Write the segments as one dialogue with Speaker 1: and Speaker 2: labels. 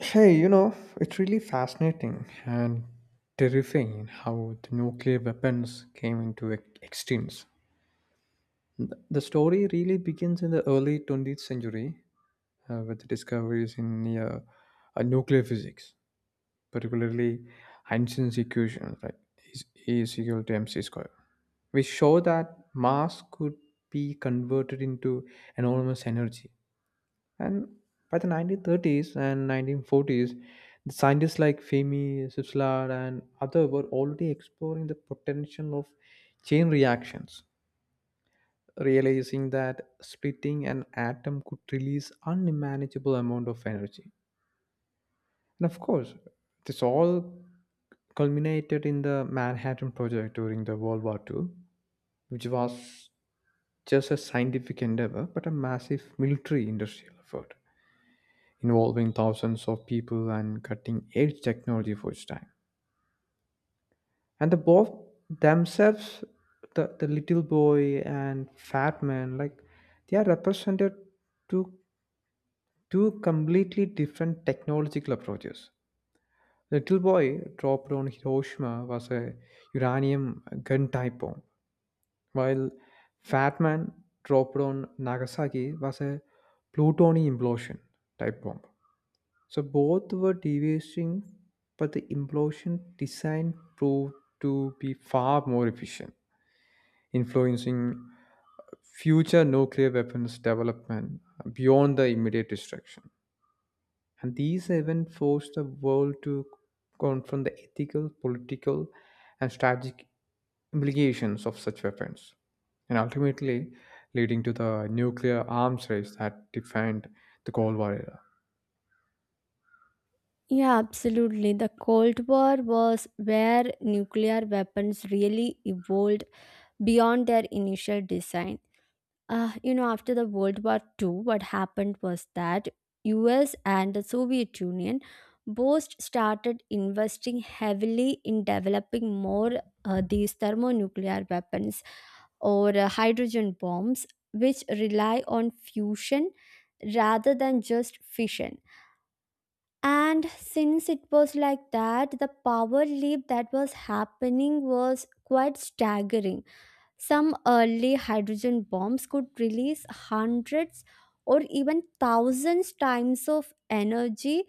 Speaker 1: Hey, you know, it's really fascinating and terrifying how the nuclear weapons came into existence. The story really begins in the early 20th century with the discoveries in nuclear physics, particularly Einstein's equation, like E is equal to mc squared, which show that mass could be converted into enormous energy. And by the 1930s and 1940s, the scientists like Fermi, Switzerland, and others were already exploring the potential of chain reactions, realizing that splitting an atom could release unmanageable amount of energy. And of course, this all culminated in the Manhattan Project during the World War II, which was just a scientific endeavor, but a massive military industrial effort, involving thousands of people and cutting edge technology for its time. And the both themselves, the little boy and fat man, like they are represented to two completely different technological approaches. The little boy dropped on Hiroshima was a uranium gun type bomb, while fat man dropped on Nagasaki was a plutonium implosion type bomb. So both were devastating, but the implosion design proved to be far more efficient, influencing future nuclear weapons development beyond the immediate destruction. And these events forced the world to confront the ethical, political, and strategic implications of such weapons, and ultimately leading to the nuclear arms race that defined the Cold War era.
Speaker 2: Yeah, absolutely. The Cold War was where nuclear weapons really evolved beyond their initial design. After the World War Two, what happened was that US and the Soviet Union both started investing heavily in developing more these thermonuclear weapons or hydrogen bombs, which rely on fusion rather than just fission, and since it was like that, the power leap that was happening was quite staggering. Some early hydrogen bombs could release hundreds or even thousands times of energy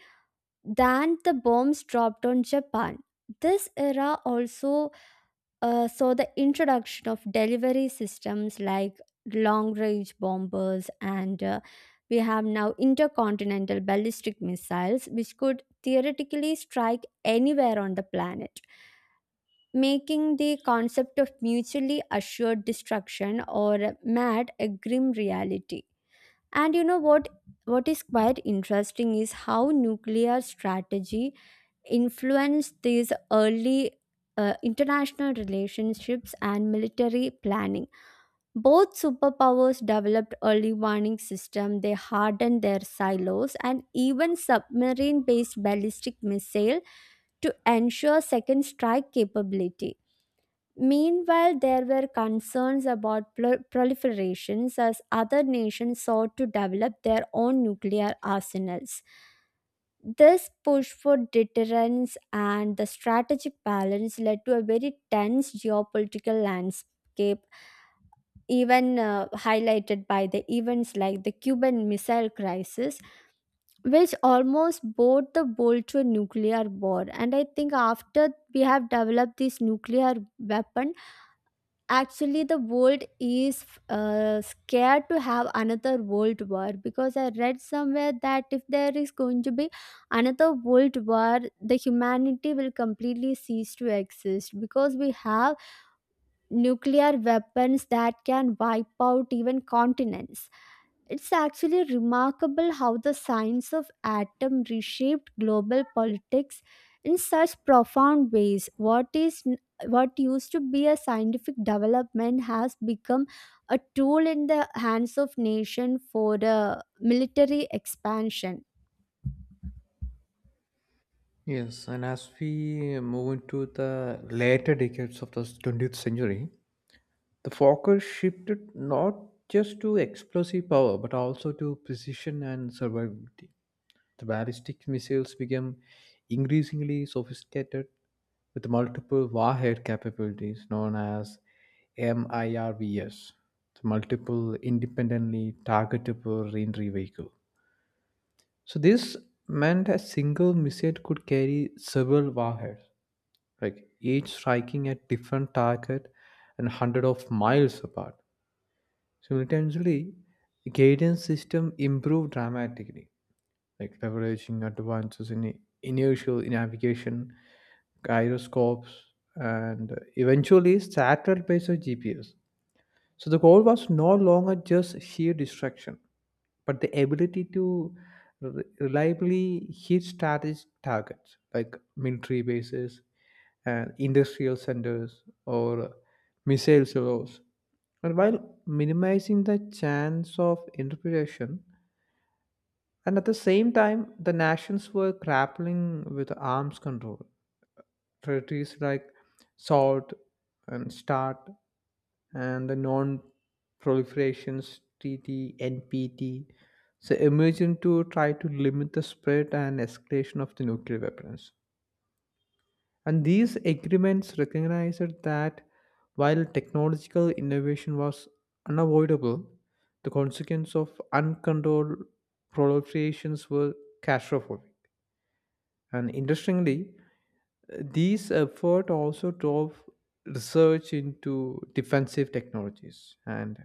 Speaker 2: than the bombs dropped on Japan. This era also the introduction of delivery systems like long range bombers and we have now intercontinental ballistic missiles which could theoretically strike anywhere on the planet, making the concept of mutually assured destruction or mad a grim reality. And you know what what is quite interesting is how nuclear strategy influenced these early international relationships and military planning. Both superpowers developed early warning systems, they hardened their silos, and even submarine based ballistic missile to ensure second strike capability. Meanwhile, there were concerns about proliferations as other nations sought to develop their own nuclear arsenals. This push for deterrence and the strategic balance led to a very tense geopolitical landscape, even highlighted by the events like the Cuban Missile Crisis, which almost bore the bowl to a nuclear war. And I think after we have developed this nuclear weapon, actually, the world is scared to have another world war, because I read somewhere that if there is going to be another world war, the humanity will completely cease to exist because we have nuclear weapons that can wipe out even continents. It's actually remarkable how the science of atom reshaped global politics in such profound ways. What used to be a scientific development has become a tool in the hands of nation for the military expansion.
Speaker 1: Yes, and as we move into the later decades of the 20th century, the focus shifted not just to explosive power but also to precision and survivability. The ballistic missiles became increasingly sophisticated with multiple warhead capabilities known as MIRVs, the multiple independently targetable reentry vehicle. So this meant a single missile could carry several warheads like each striking a different target and 100 of miles apart. Simultaneously, the guidance system improved dramatically, like leveraging advances in inertial navigation, gyroscopes, and eventually satellite-based GPS. So the goal was no longer just sheer destruction, but the ability to reliably hit strategic targets like military bases and industrial centers or missile silos. And while minimizing the chance of interpretation, and at the same time, the nations were grappling with arms control, treaties like Salt and Start and the non proliferations treaty NPT so emerging to try to limit the spread and escalation of the nuclear weapons, and these agreements recognized that while technological innovation was unavoidable, the consequence of uncontrolled proliferations were catastrophic. And interestingly, these efforts also drove research into defensive technologies and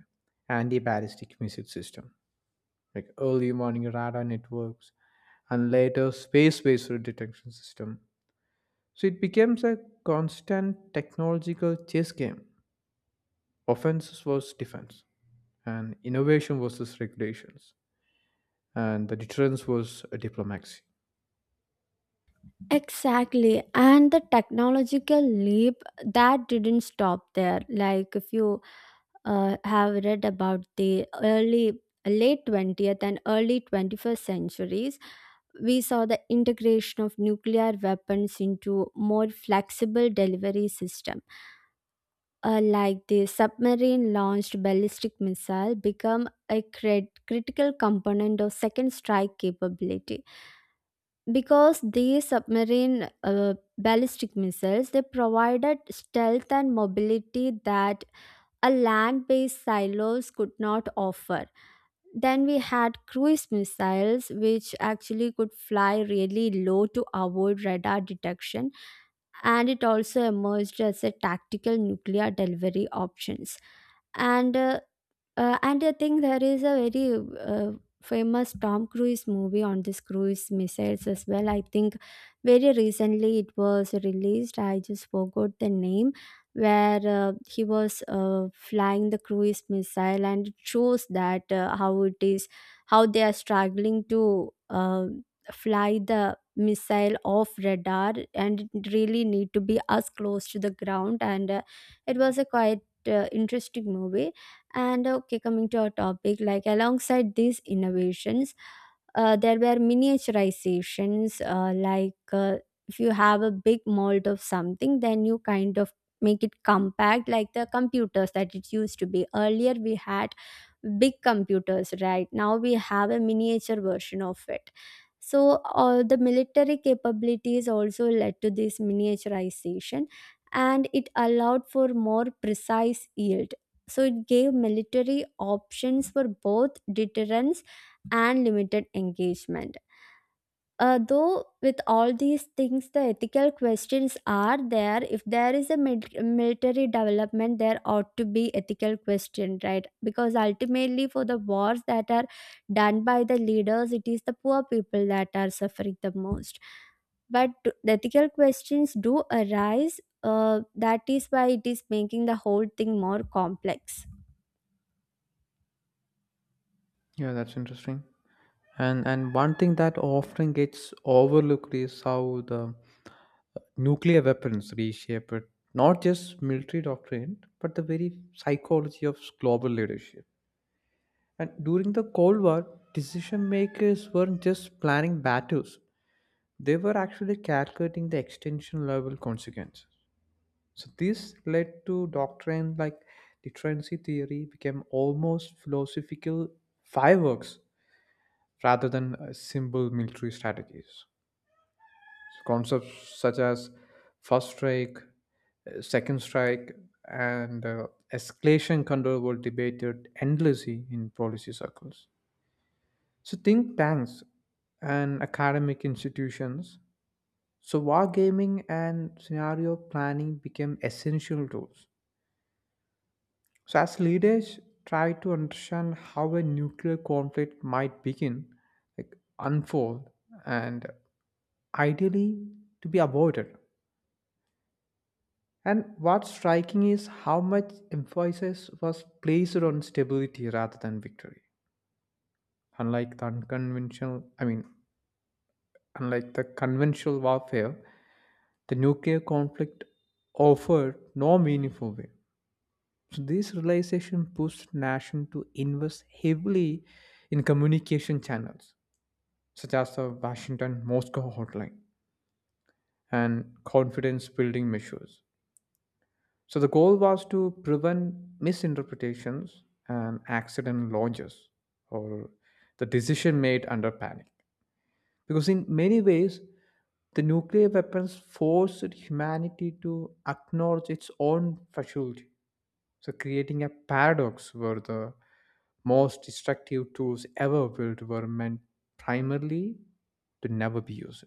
Speaker 1: anti-ballistic missile system, like early warning radar networks and later space-based detection system. So it becomes a constant technological chess game. Offense was defense, and innovation versus regulations, and the deterrence was a diplomacy.
Speaker 2: Exactly, and the technological leap that didn't stop there. Like, if you have read about the early late 20th and early 21st centuries, we saw the integration of nuclear weapons into more flexible delivery system, like the submarine launched ballistic missile become a critical component of second strike capability, because these submarine ballistic missiles they provided stealth and mobility that a land based silos could not offer. Then we had cruise missiles, which actually could fly really low to avoid radar detection, and it also emerged as a tactical nuclear delivery options. And uh, uh, and I think there is a very famous Tom Cruise movie on this cruise missiles as well. I think very recently it was released. I just forgot the name, where he was flying the cruise missile, and it shows that how it is, how they are struggling to fly the missile off radar, and it really need to be as close to the ground, and it was a quite interesting movie. And okay, coming to our topic, like alongside these innovations, there were miniaturizations, if you have a big mold of something, then you kind of make it compact, like the computers that it used to be, earlier we had big computers, right now we have a miniature version of it. So the military capabilities also led to this miniaturization, and it allowed for more precise yield. So it gave military options for both deterrence and limited engagement. Though with all these things, the ethical questions are there. If there is a military development, there ought to be ethical question, right, because ultimately for the wars that are done by the leaders, it is the poor people that are suffering the most. But the ethical questions do arise, that is why it is making the whole thing more complex.
Speaker 1: Yeah, that's interesting. And one thing that often gets overlooked is how the nuclear weapons reshaped not just military doctrine, but the very psychology of global leadership. And during the Cold War, decision makers weren't just planning battles, they were actually calculating the extension level consequences. So, this led to doctrine like deterrency theory became almost philosophical fireworks rather than simple military strategies. Concepts such as first strike, second strike, and escalation control were debated endlessly in policy circles. So, think tanks and academic institutions. So, wargaming and scenario planning became essential tools. So, as leaders try to understand how a nuclear conflict might begin, like unfold, and ideally to be avoided. And what's striking is how much emphasis was placed on stability rather than victory. Unlike the unconventional, I mean, unlike the conventional warfare, the nuclear conflict offered no meaningful way. So this realization pushed nation to invest heavily in communication channels, such as the Washington-Moscow hotline and confidence-building measures. So the goal was to prevent misinterpretations and accident launches or the decision made under panic. Because in many ways, the nuclear weapons forced humanity to acknowledge its own fragility. So creating a paradox where the most destructive tools ever built were meant primarily to never be used.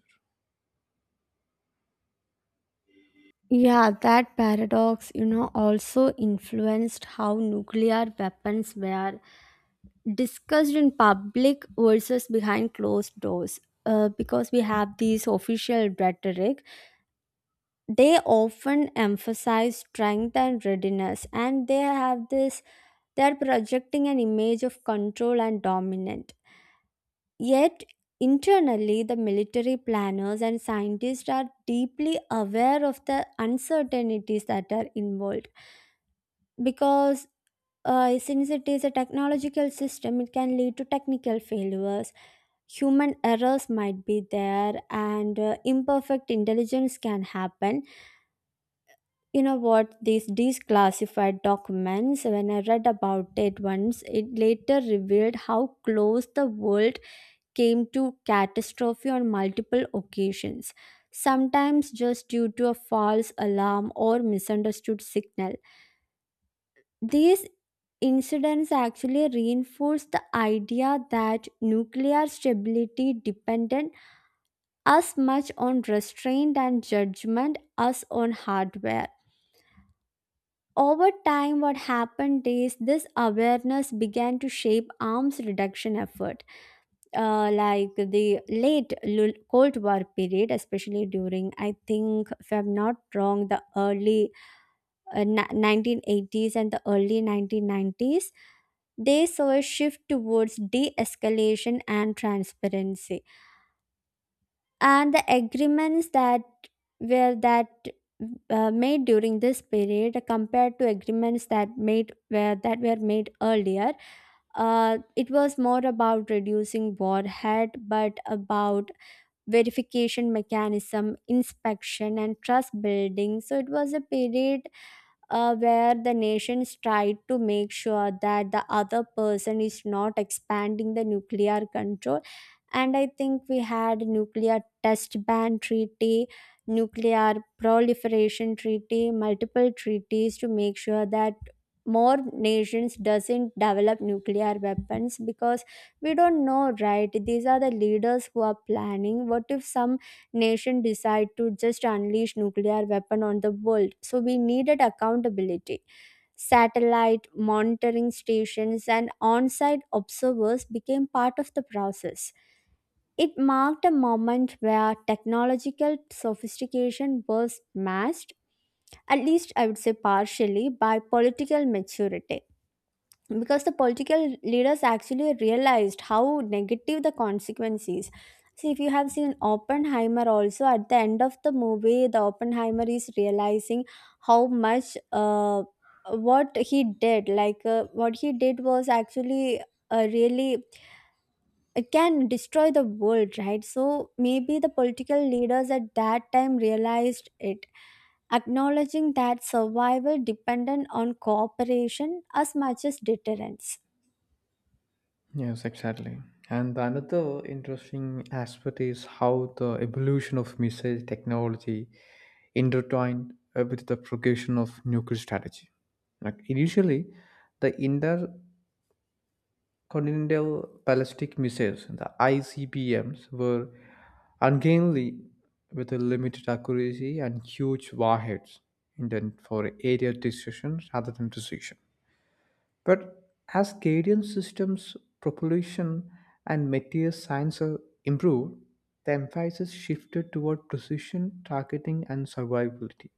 Speaker 2: Yeah, that paradox, you know, also influenced how nuclear weapons were discussed in public versus behind closed doors. Because we have these official rhetoric, they often emphasize strength and readiness, and they have this, they're projecting an image of control and dominant. Yet, internally, the military planners and scientists are deeply aware of the uncertainties that are involved because. Since it is a technological system, it can lead to technical failures, human errors might be there, and imperfect intelligence can happen. You know what, these declassified documents, when I read about it once, it later revealed how close the world came to catastrophe on multiple occasions, sometimes just due to a false alarm or misunderstood signal. These incidents actually reinforce the idea that nuclear stability depended as much on restraint and judgment as on hardware. Over time, what happened is this awareness began to shape arms reduction effort. Like the late Cold War period, especially during, I think, if I'm not wrong, the early 1980s and the early 1990s, they saw a shift towards de escalation and transparency, and the agreements that were that made during this period compared to agreements that made were that were made earlier, it was more about reducing warhead, but about verification mechanism, inspection, and trust building. So it was a period where the nations try to make sure that the other person is not expanding the nuclear control. And I think we had nuclear test ban treaty, nuclear proliferation treaty, multiple treaties to make sure that more nations doesn't develop nuclear weapons, because we don't know, right, these are the leaders who are planning. What if some nation decide to just unleash nuclear weapon on the world? So we needed accountability, satellite monitoring stations and on-site observers became part of the process. It marked a moment where technological sophistication was matched, at least I would say partially, by political maturity, because the political leaders actually realized how negative the consequences. See, if you have seen Oppenheimer also, at the end of the movie the Oppenheimer is realizing how much, what he did was actually really, it can destroy the world, right? So maybe the political leaders at that time realized it, acknowledging that survival dependent on cooperation as much as deterrence.
Speaker 1: Yes, exactly. And the another interesting aspect is how the evolution of missile technology intertwined with the progression of nuclear strategy. Like initially, the intercontinental ballistic missiles, the ICBMs, were ungainly with a limited accuracy and huge warheads intended for area destruction rather than precision. But as Canadian systems, propulsion, and material science improved, the emphasis shifted toward precision, targeting, and survivability.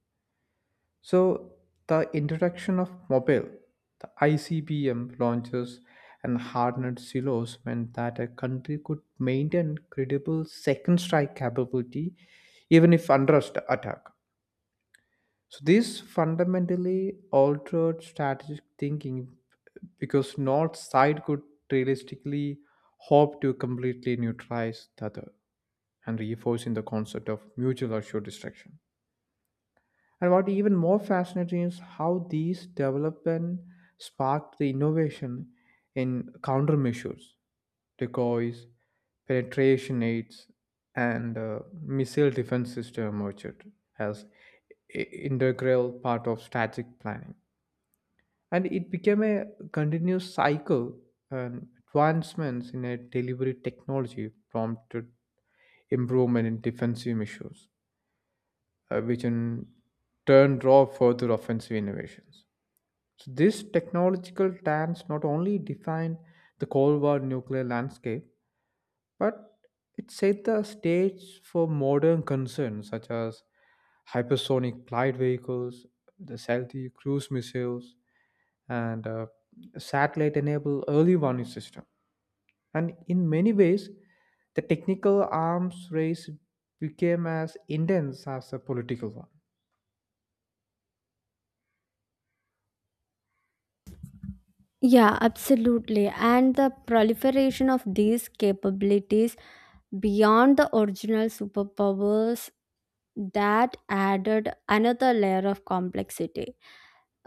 Speaker 1: So, the introduction of mobile, the ICBM launches, and hardened silos meant that a country could maintain credible second strike capability even if under attack. So this fundamentally altered strategic thinking because not side could realistically hope to completely neutralize the other and reinforcing the concept of mutual assured destruction. And what even more fascinating is how these development sparked the innovation in countermeasures decoys, penetration aids, and missile defense system emerged as i- integral part of strategic planning. And it became a continuous cycle, and advancements in a delivery technology prompted improvement in defensive measures, which in turn drove further offensive innovations. So this technological dance not only defined the Cold War nuclear landscape, but it set the stage for modern concerns such as hypersonic glide vehicles, the stealthy cruise missiles, and satellite-enabled early warning system. And in many ways, the technical arms race became as intense as the political one.
Speaker 2: Yeah, absolutely. And the proliferation of these capabilities beyond the original superpowers, that added another layer of complexity.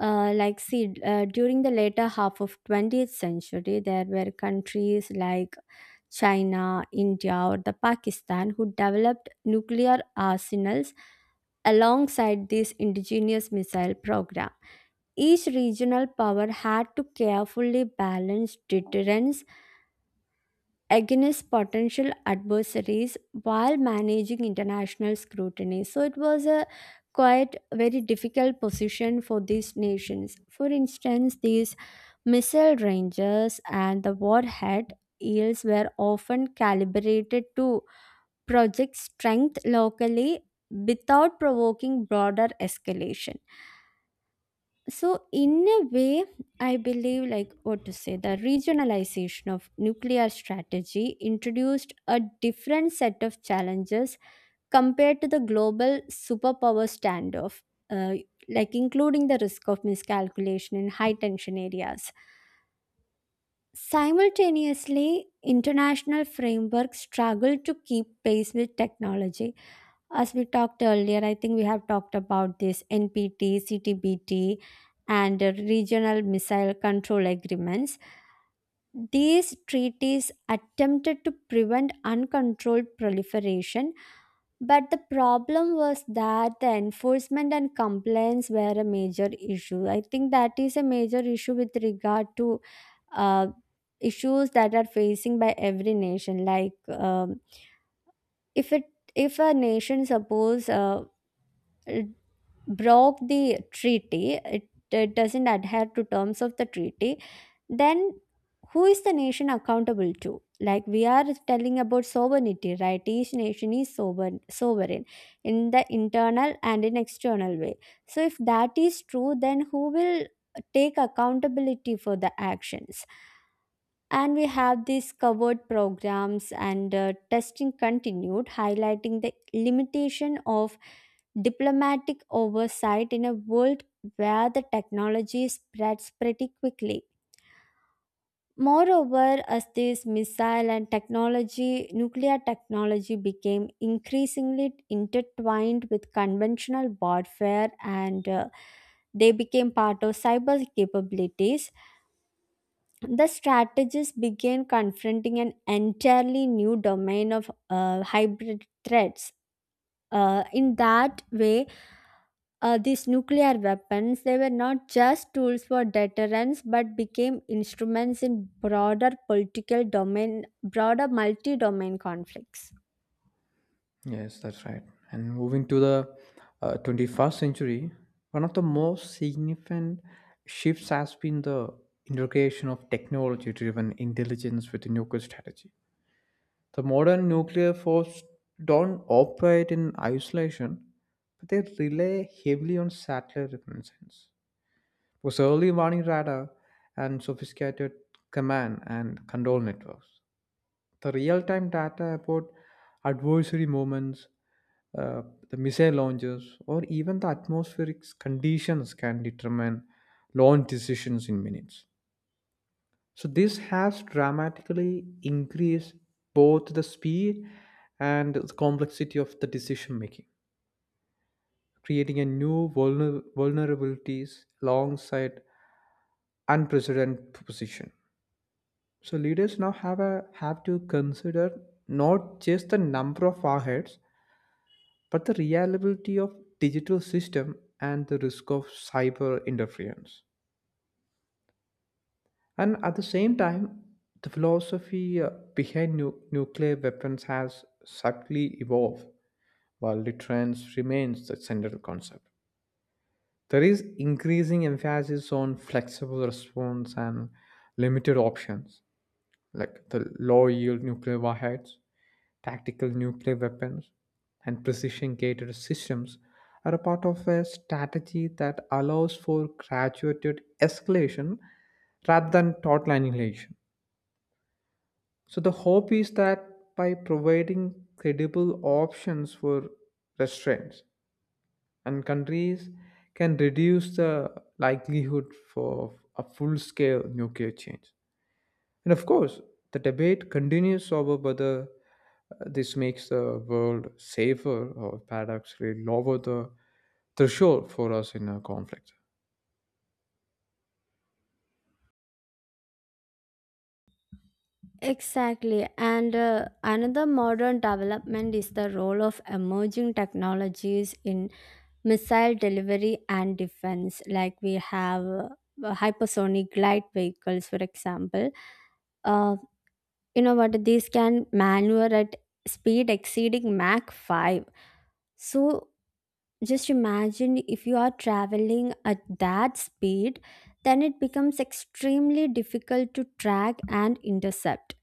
Speaker 2: During the later half of 20th century, there were countries like China, India, or the Pakistan who developed nuclear arsenals alongside these indigenous missile program. Each regional power had to carefully balance deterrence against potential adversaries while managing international scrutiny. So it was a quite very difficult position for these nations. For instance, these missile ranges and the warhead yields were often calibrated to project strength locally without provoking broader escalation. So, in a way, I believe, like what to say, the regionalization of nuclear strategy introduced a different set of challenges compared to the global superpower standoff, uh, like including the risk of miscalculation in high tension areas. Simultaneously, international frameworks struggle to keep pace with technology. As we talked earlier, I think we have talked about this NPT, CTBT, and regional missile control agreements. These treaties attempted to prevent uncontrolled proliferation, but the problem was that the enforcement and compliance were a major issue. I think that is a major issue with regard to uh, issues that are facing by every nation. Like, if it if a nation suppose broke the treaty, it doesn't adhere to terms of the treaty, then who is the nation accountable to? Like, we are telling about sovereignty, right? Each nation is sovereign, sovereign in the internal and in external way. So if that is true, then who will take accountability for the actions? And we have these covered programs, and testing continued, highlighting the limitation of diplomatic oversight in a world where the technology spreads pretty quickly. Moreover, as this missile and technology, nuclear technology became increasingly intertwined with conventional warfare, and they became part of cyber capabilities, the strategists began confronting an entirely new domain of hybrid threats. Uh, in that way, these nuclear weapons, they were not just tools for deterrence, but became instruments in broader political domain, broader multi-domain conflicts.
Speaker 1: Yes, that's right. And moving to the 21st century, one of the most significant shifts has been the integration of technology-driven intelligence with the nuclear strategy. The modern nuclear force don't operate in isolation, but they rely heavily on satellite reconnaissance. Because early warning radar and sophisticated command and control networks. The real-time data about adversary moments, uh, the missile launches, or even the atmospheric conditions can determine launch decisions in minutes. So this has dramatically increased both the speed and the complexity of the decision making, creating a new vulnerabilities alongside unprecedented position. So leaders now have to consider not just the number of warheads but the reliability of digital system and the risk of cyber interference. And at the same time, the philosophy behind nuclear weapons has subtly evolved, while deterrence remains the central concept. There is increasing emphasis on flexible response and limited options, like the low yield nuclear warheads, tactical nuclear weapons and precision guided systems are a part of a strategy that allows for graduated escalation rather than total annihilation. So, the hope is that by providing credible options for restraints, and countries can reduce the likelihood for a full scale nuclear change. And of course, the debate continues over whether this makes the world safer or paradoxically lower the threshold for us in a conflict.
Speaker 2: Exactly, and another modern development is the role of emerging technologies in missile delivery and defense. Like, we have hypersonic glide vehicles, for example. uh, you know what, these can maneuver at speed exceeding mach 5. So just imagine if you are traveling at that speed, then it becomes extremely difficult to track and intercept.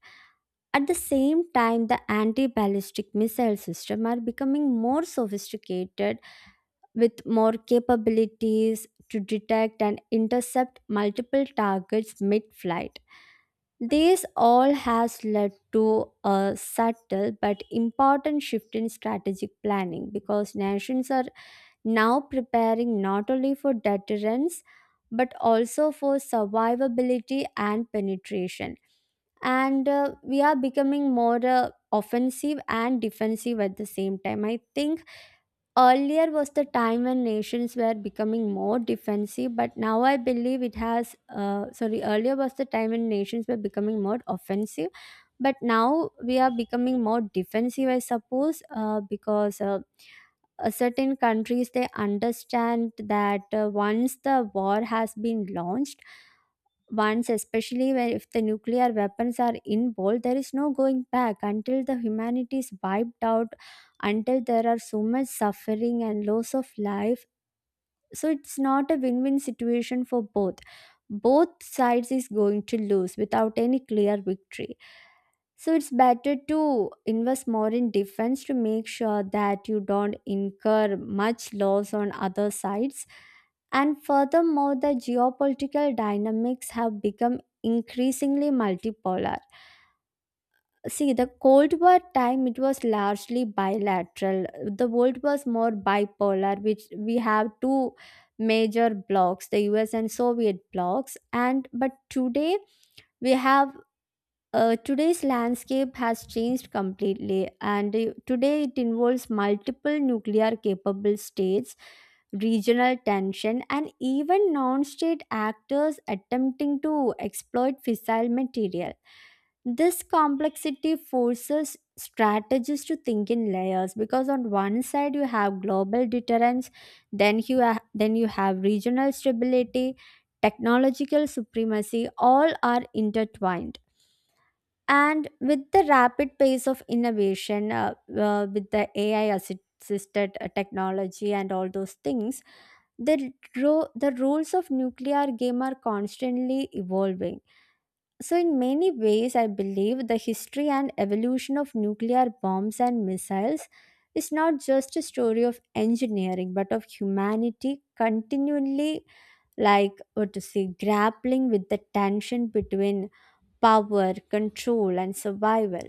Speaker 2: At the same time, the anti-ballistic missile system are becoming more sophisticated, with more capabilities to detect and intercept multiple targets mid-flight. This all has led to a subtle but important shift in strategic planning, because nations are now preparing not only for deterrence, but also for survivability and penetration. And we are becoming more offensive and defensive at the same time. I think earlier was the time when nations were becoming more defensive, but now I believe it has. Sorry, earlier was the time when nations were becoming more offensive, but now we are becoming more defensive, I suppose, because certain countries they understand that once the war has been launched once, especially where if the nuclear weapons are involved, there is no going back until the humanity is wiped out, until there are so much suffering and loss of life. So it's not a win-win situation for both. Both sides is going to lose without any clear victory, so it's better to invest more in defense to make sure that you don't incur much loss on other sides. And furthermore, the geopolitical dynamics have become increasingly multipolar. See, the Cold War time, it was largely bilateral. The world was more bipolar, which we have two major blocks, the US and Soviet blocks. And but today we have today's landscape has changed completely, and today it involves multiple nuclear capable states, regional tension, and even non state actors attempting to exploit fissile material. This complexity forces strategists to think in layers, because on one side you have global deterrence, then you have regional stability, technological supremacy, all are intertwined. And with the rapid pace of innovation, with the AI assisted technology and all those things, the rules of nuclear game are constantly evolving. So, in many ways, I believe the history and evolution of nuclear bombs and missiles is not just a story of engineering, but of humanity continually, like what to say, grappling with the tension between power, control, and survival.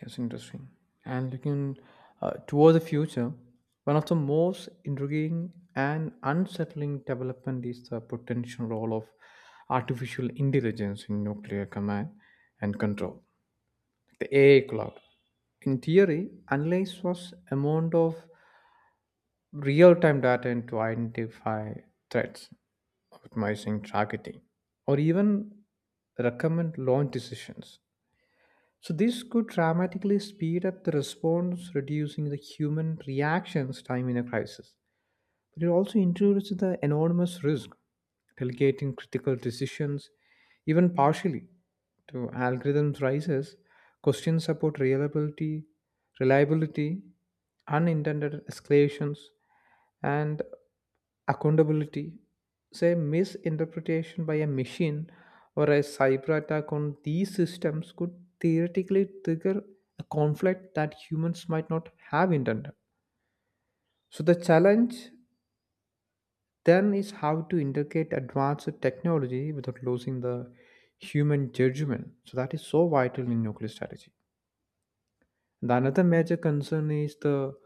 Speaker 1: Yes, interesting. And looking toward the future, one of the most intriguing and unsettling development is the potential role of artificial intelligence in nuclear command and control, the AI cloud. In theory, analyze was amount of real time data and to identify threats, optimizing targeting, or even recommend launch decisions. So, this could dramatically speed up the response, reducing the human reactions time in a crisis. But it also introduces the enormous risk delegating critical decisions, even partially, to algorithms rises, questions about reliability, unintended escalations, and accountability. Say misinterpretation by a machine or a cyber attack on these systems could theoretically trigger a conflict that humans might not have intended. So the challenge then is how to integrate advanced technology without losing the human judgment. So that is so vital in nuclear strategy. The another major concern is the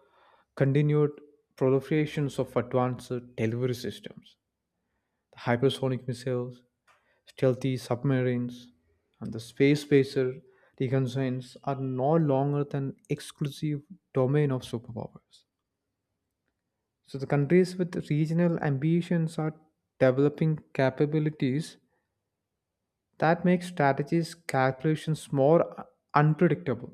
Speaker 1: continued proliferations of advanced delivery systems, the hypersonic missiles, stealthy submarines, and the space spacer reconnaissance are no longer than exclusive domain of superpowers. So the countries with regional ambitions are developing capabilities that makes strategies calculations more unpredictable,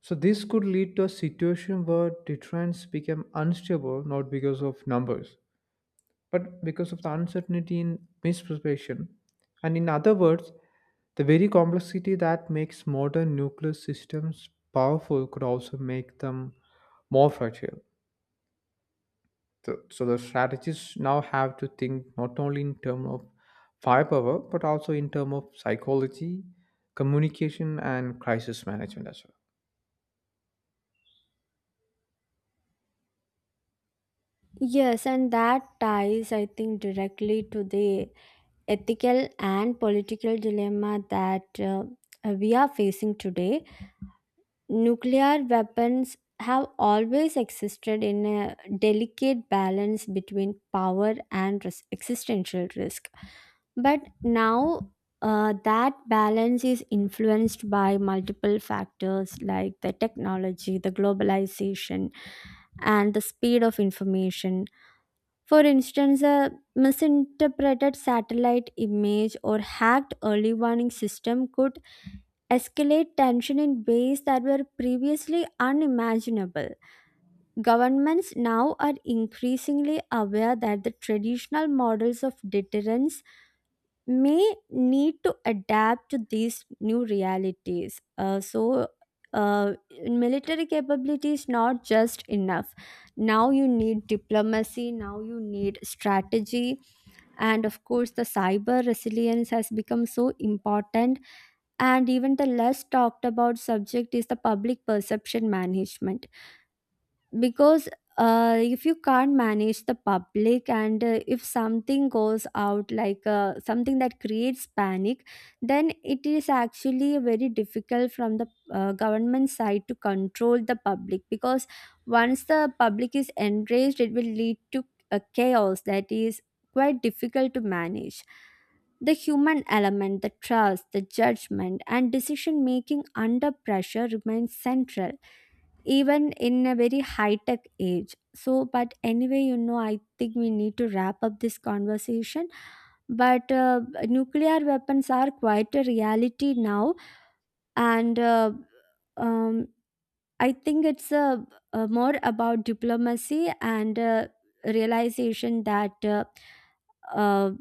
Speaker 1: so this could lead to a situation where deterrence become unstable not because of numbers but because of the uncertainty in misperception. And in other words, the very complexity that makes modern nuclear systems powerful could also make them more fragile, so the strategists now have to think not only in terms of firepower, but also in terms of psychology, communication, and crisis management as well.
Speaker 2: Yes, and that ties, I think, directly to the ethical and political dilemma that we are facing today. Nuclear weapons have always existed in a delicate balance between existential risk. But now, that balance is influenced by multiple factors like the technology, the globalization, and the speed of information. For instance, a misinterpreted satellite image or hacked early warning system could escalate tension in ways that were previously unimaginable. Governments now are increasingly aware that the traditional models of deterrence may need to adapt to these new realities. So, uh, military capability is not just enough. Now you need diplomacy, now you need strategy, and of course, the cyber resilience has become so important. And even the less talked about subject is the public perception management, because if you can't manage the public, and if something goes out like something that creates panic, then it is actually very difficult from the government side to control the public. Because once the public is enraged, it will lead to a chaos that is quite difficult to manage. The human element, the trust, the judgment and decision making under pressure remains central even in a very high tech age. So, but anyway, you know, I think we need to wrap up this conversation. But nuclear weapons are quite a reality now, and um, I think it's more about diplomacy, and realization that uh,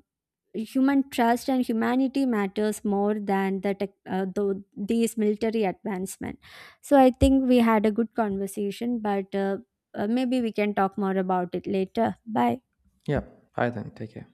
Speaker 2: human trust and humanity matters more than the tech, the these military advancement. So I think we had a good conversation, but maybe we can talk more about it later. Bye.
Speaker 1: Yeah, bye then. Take care.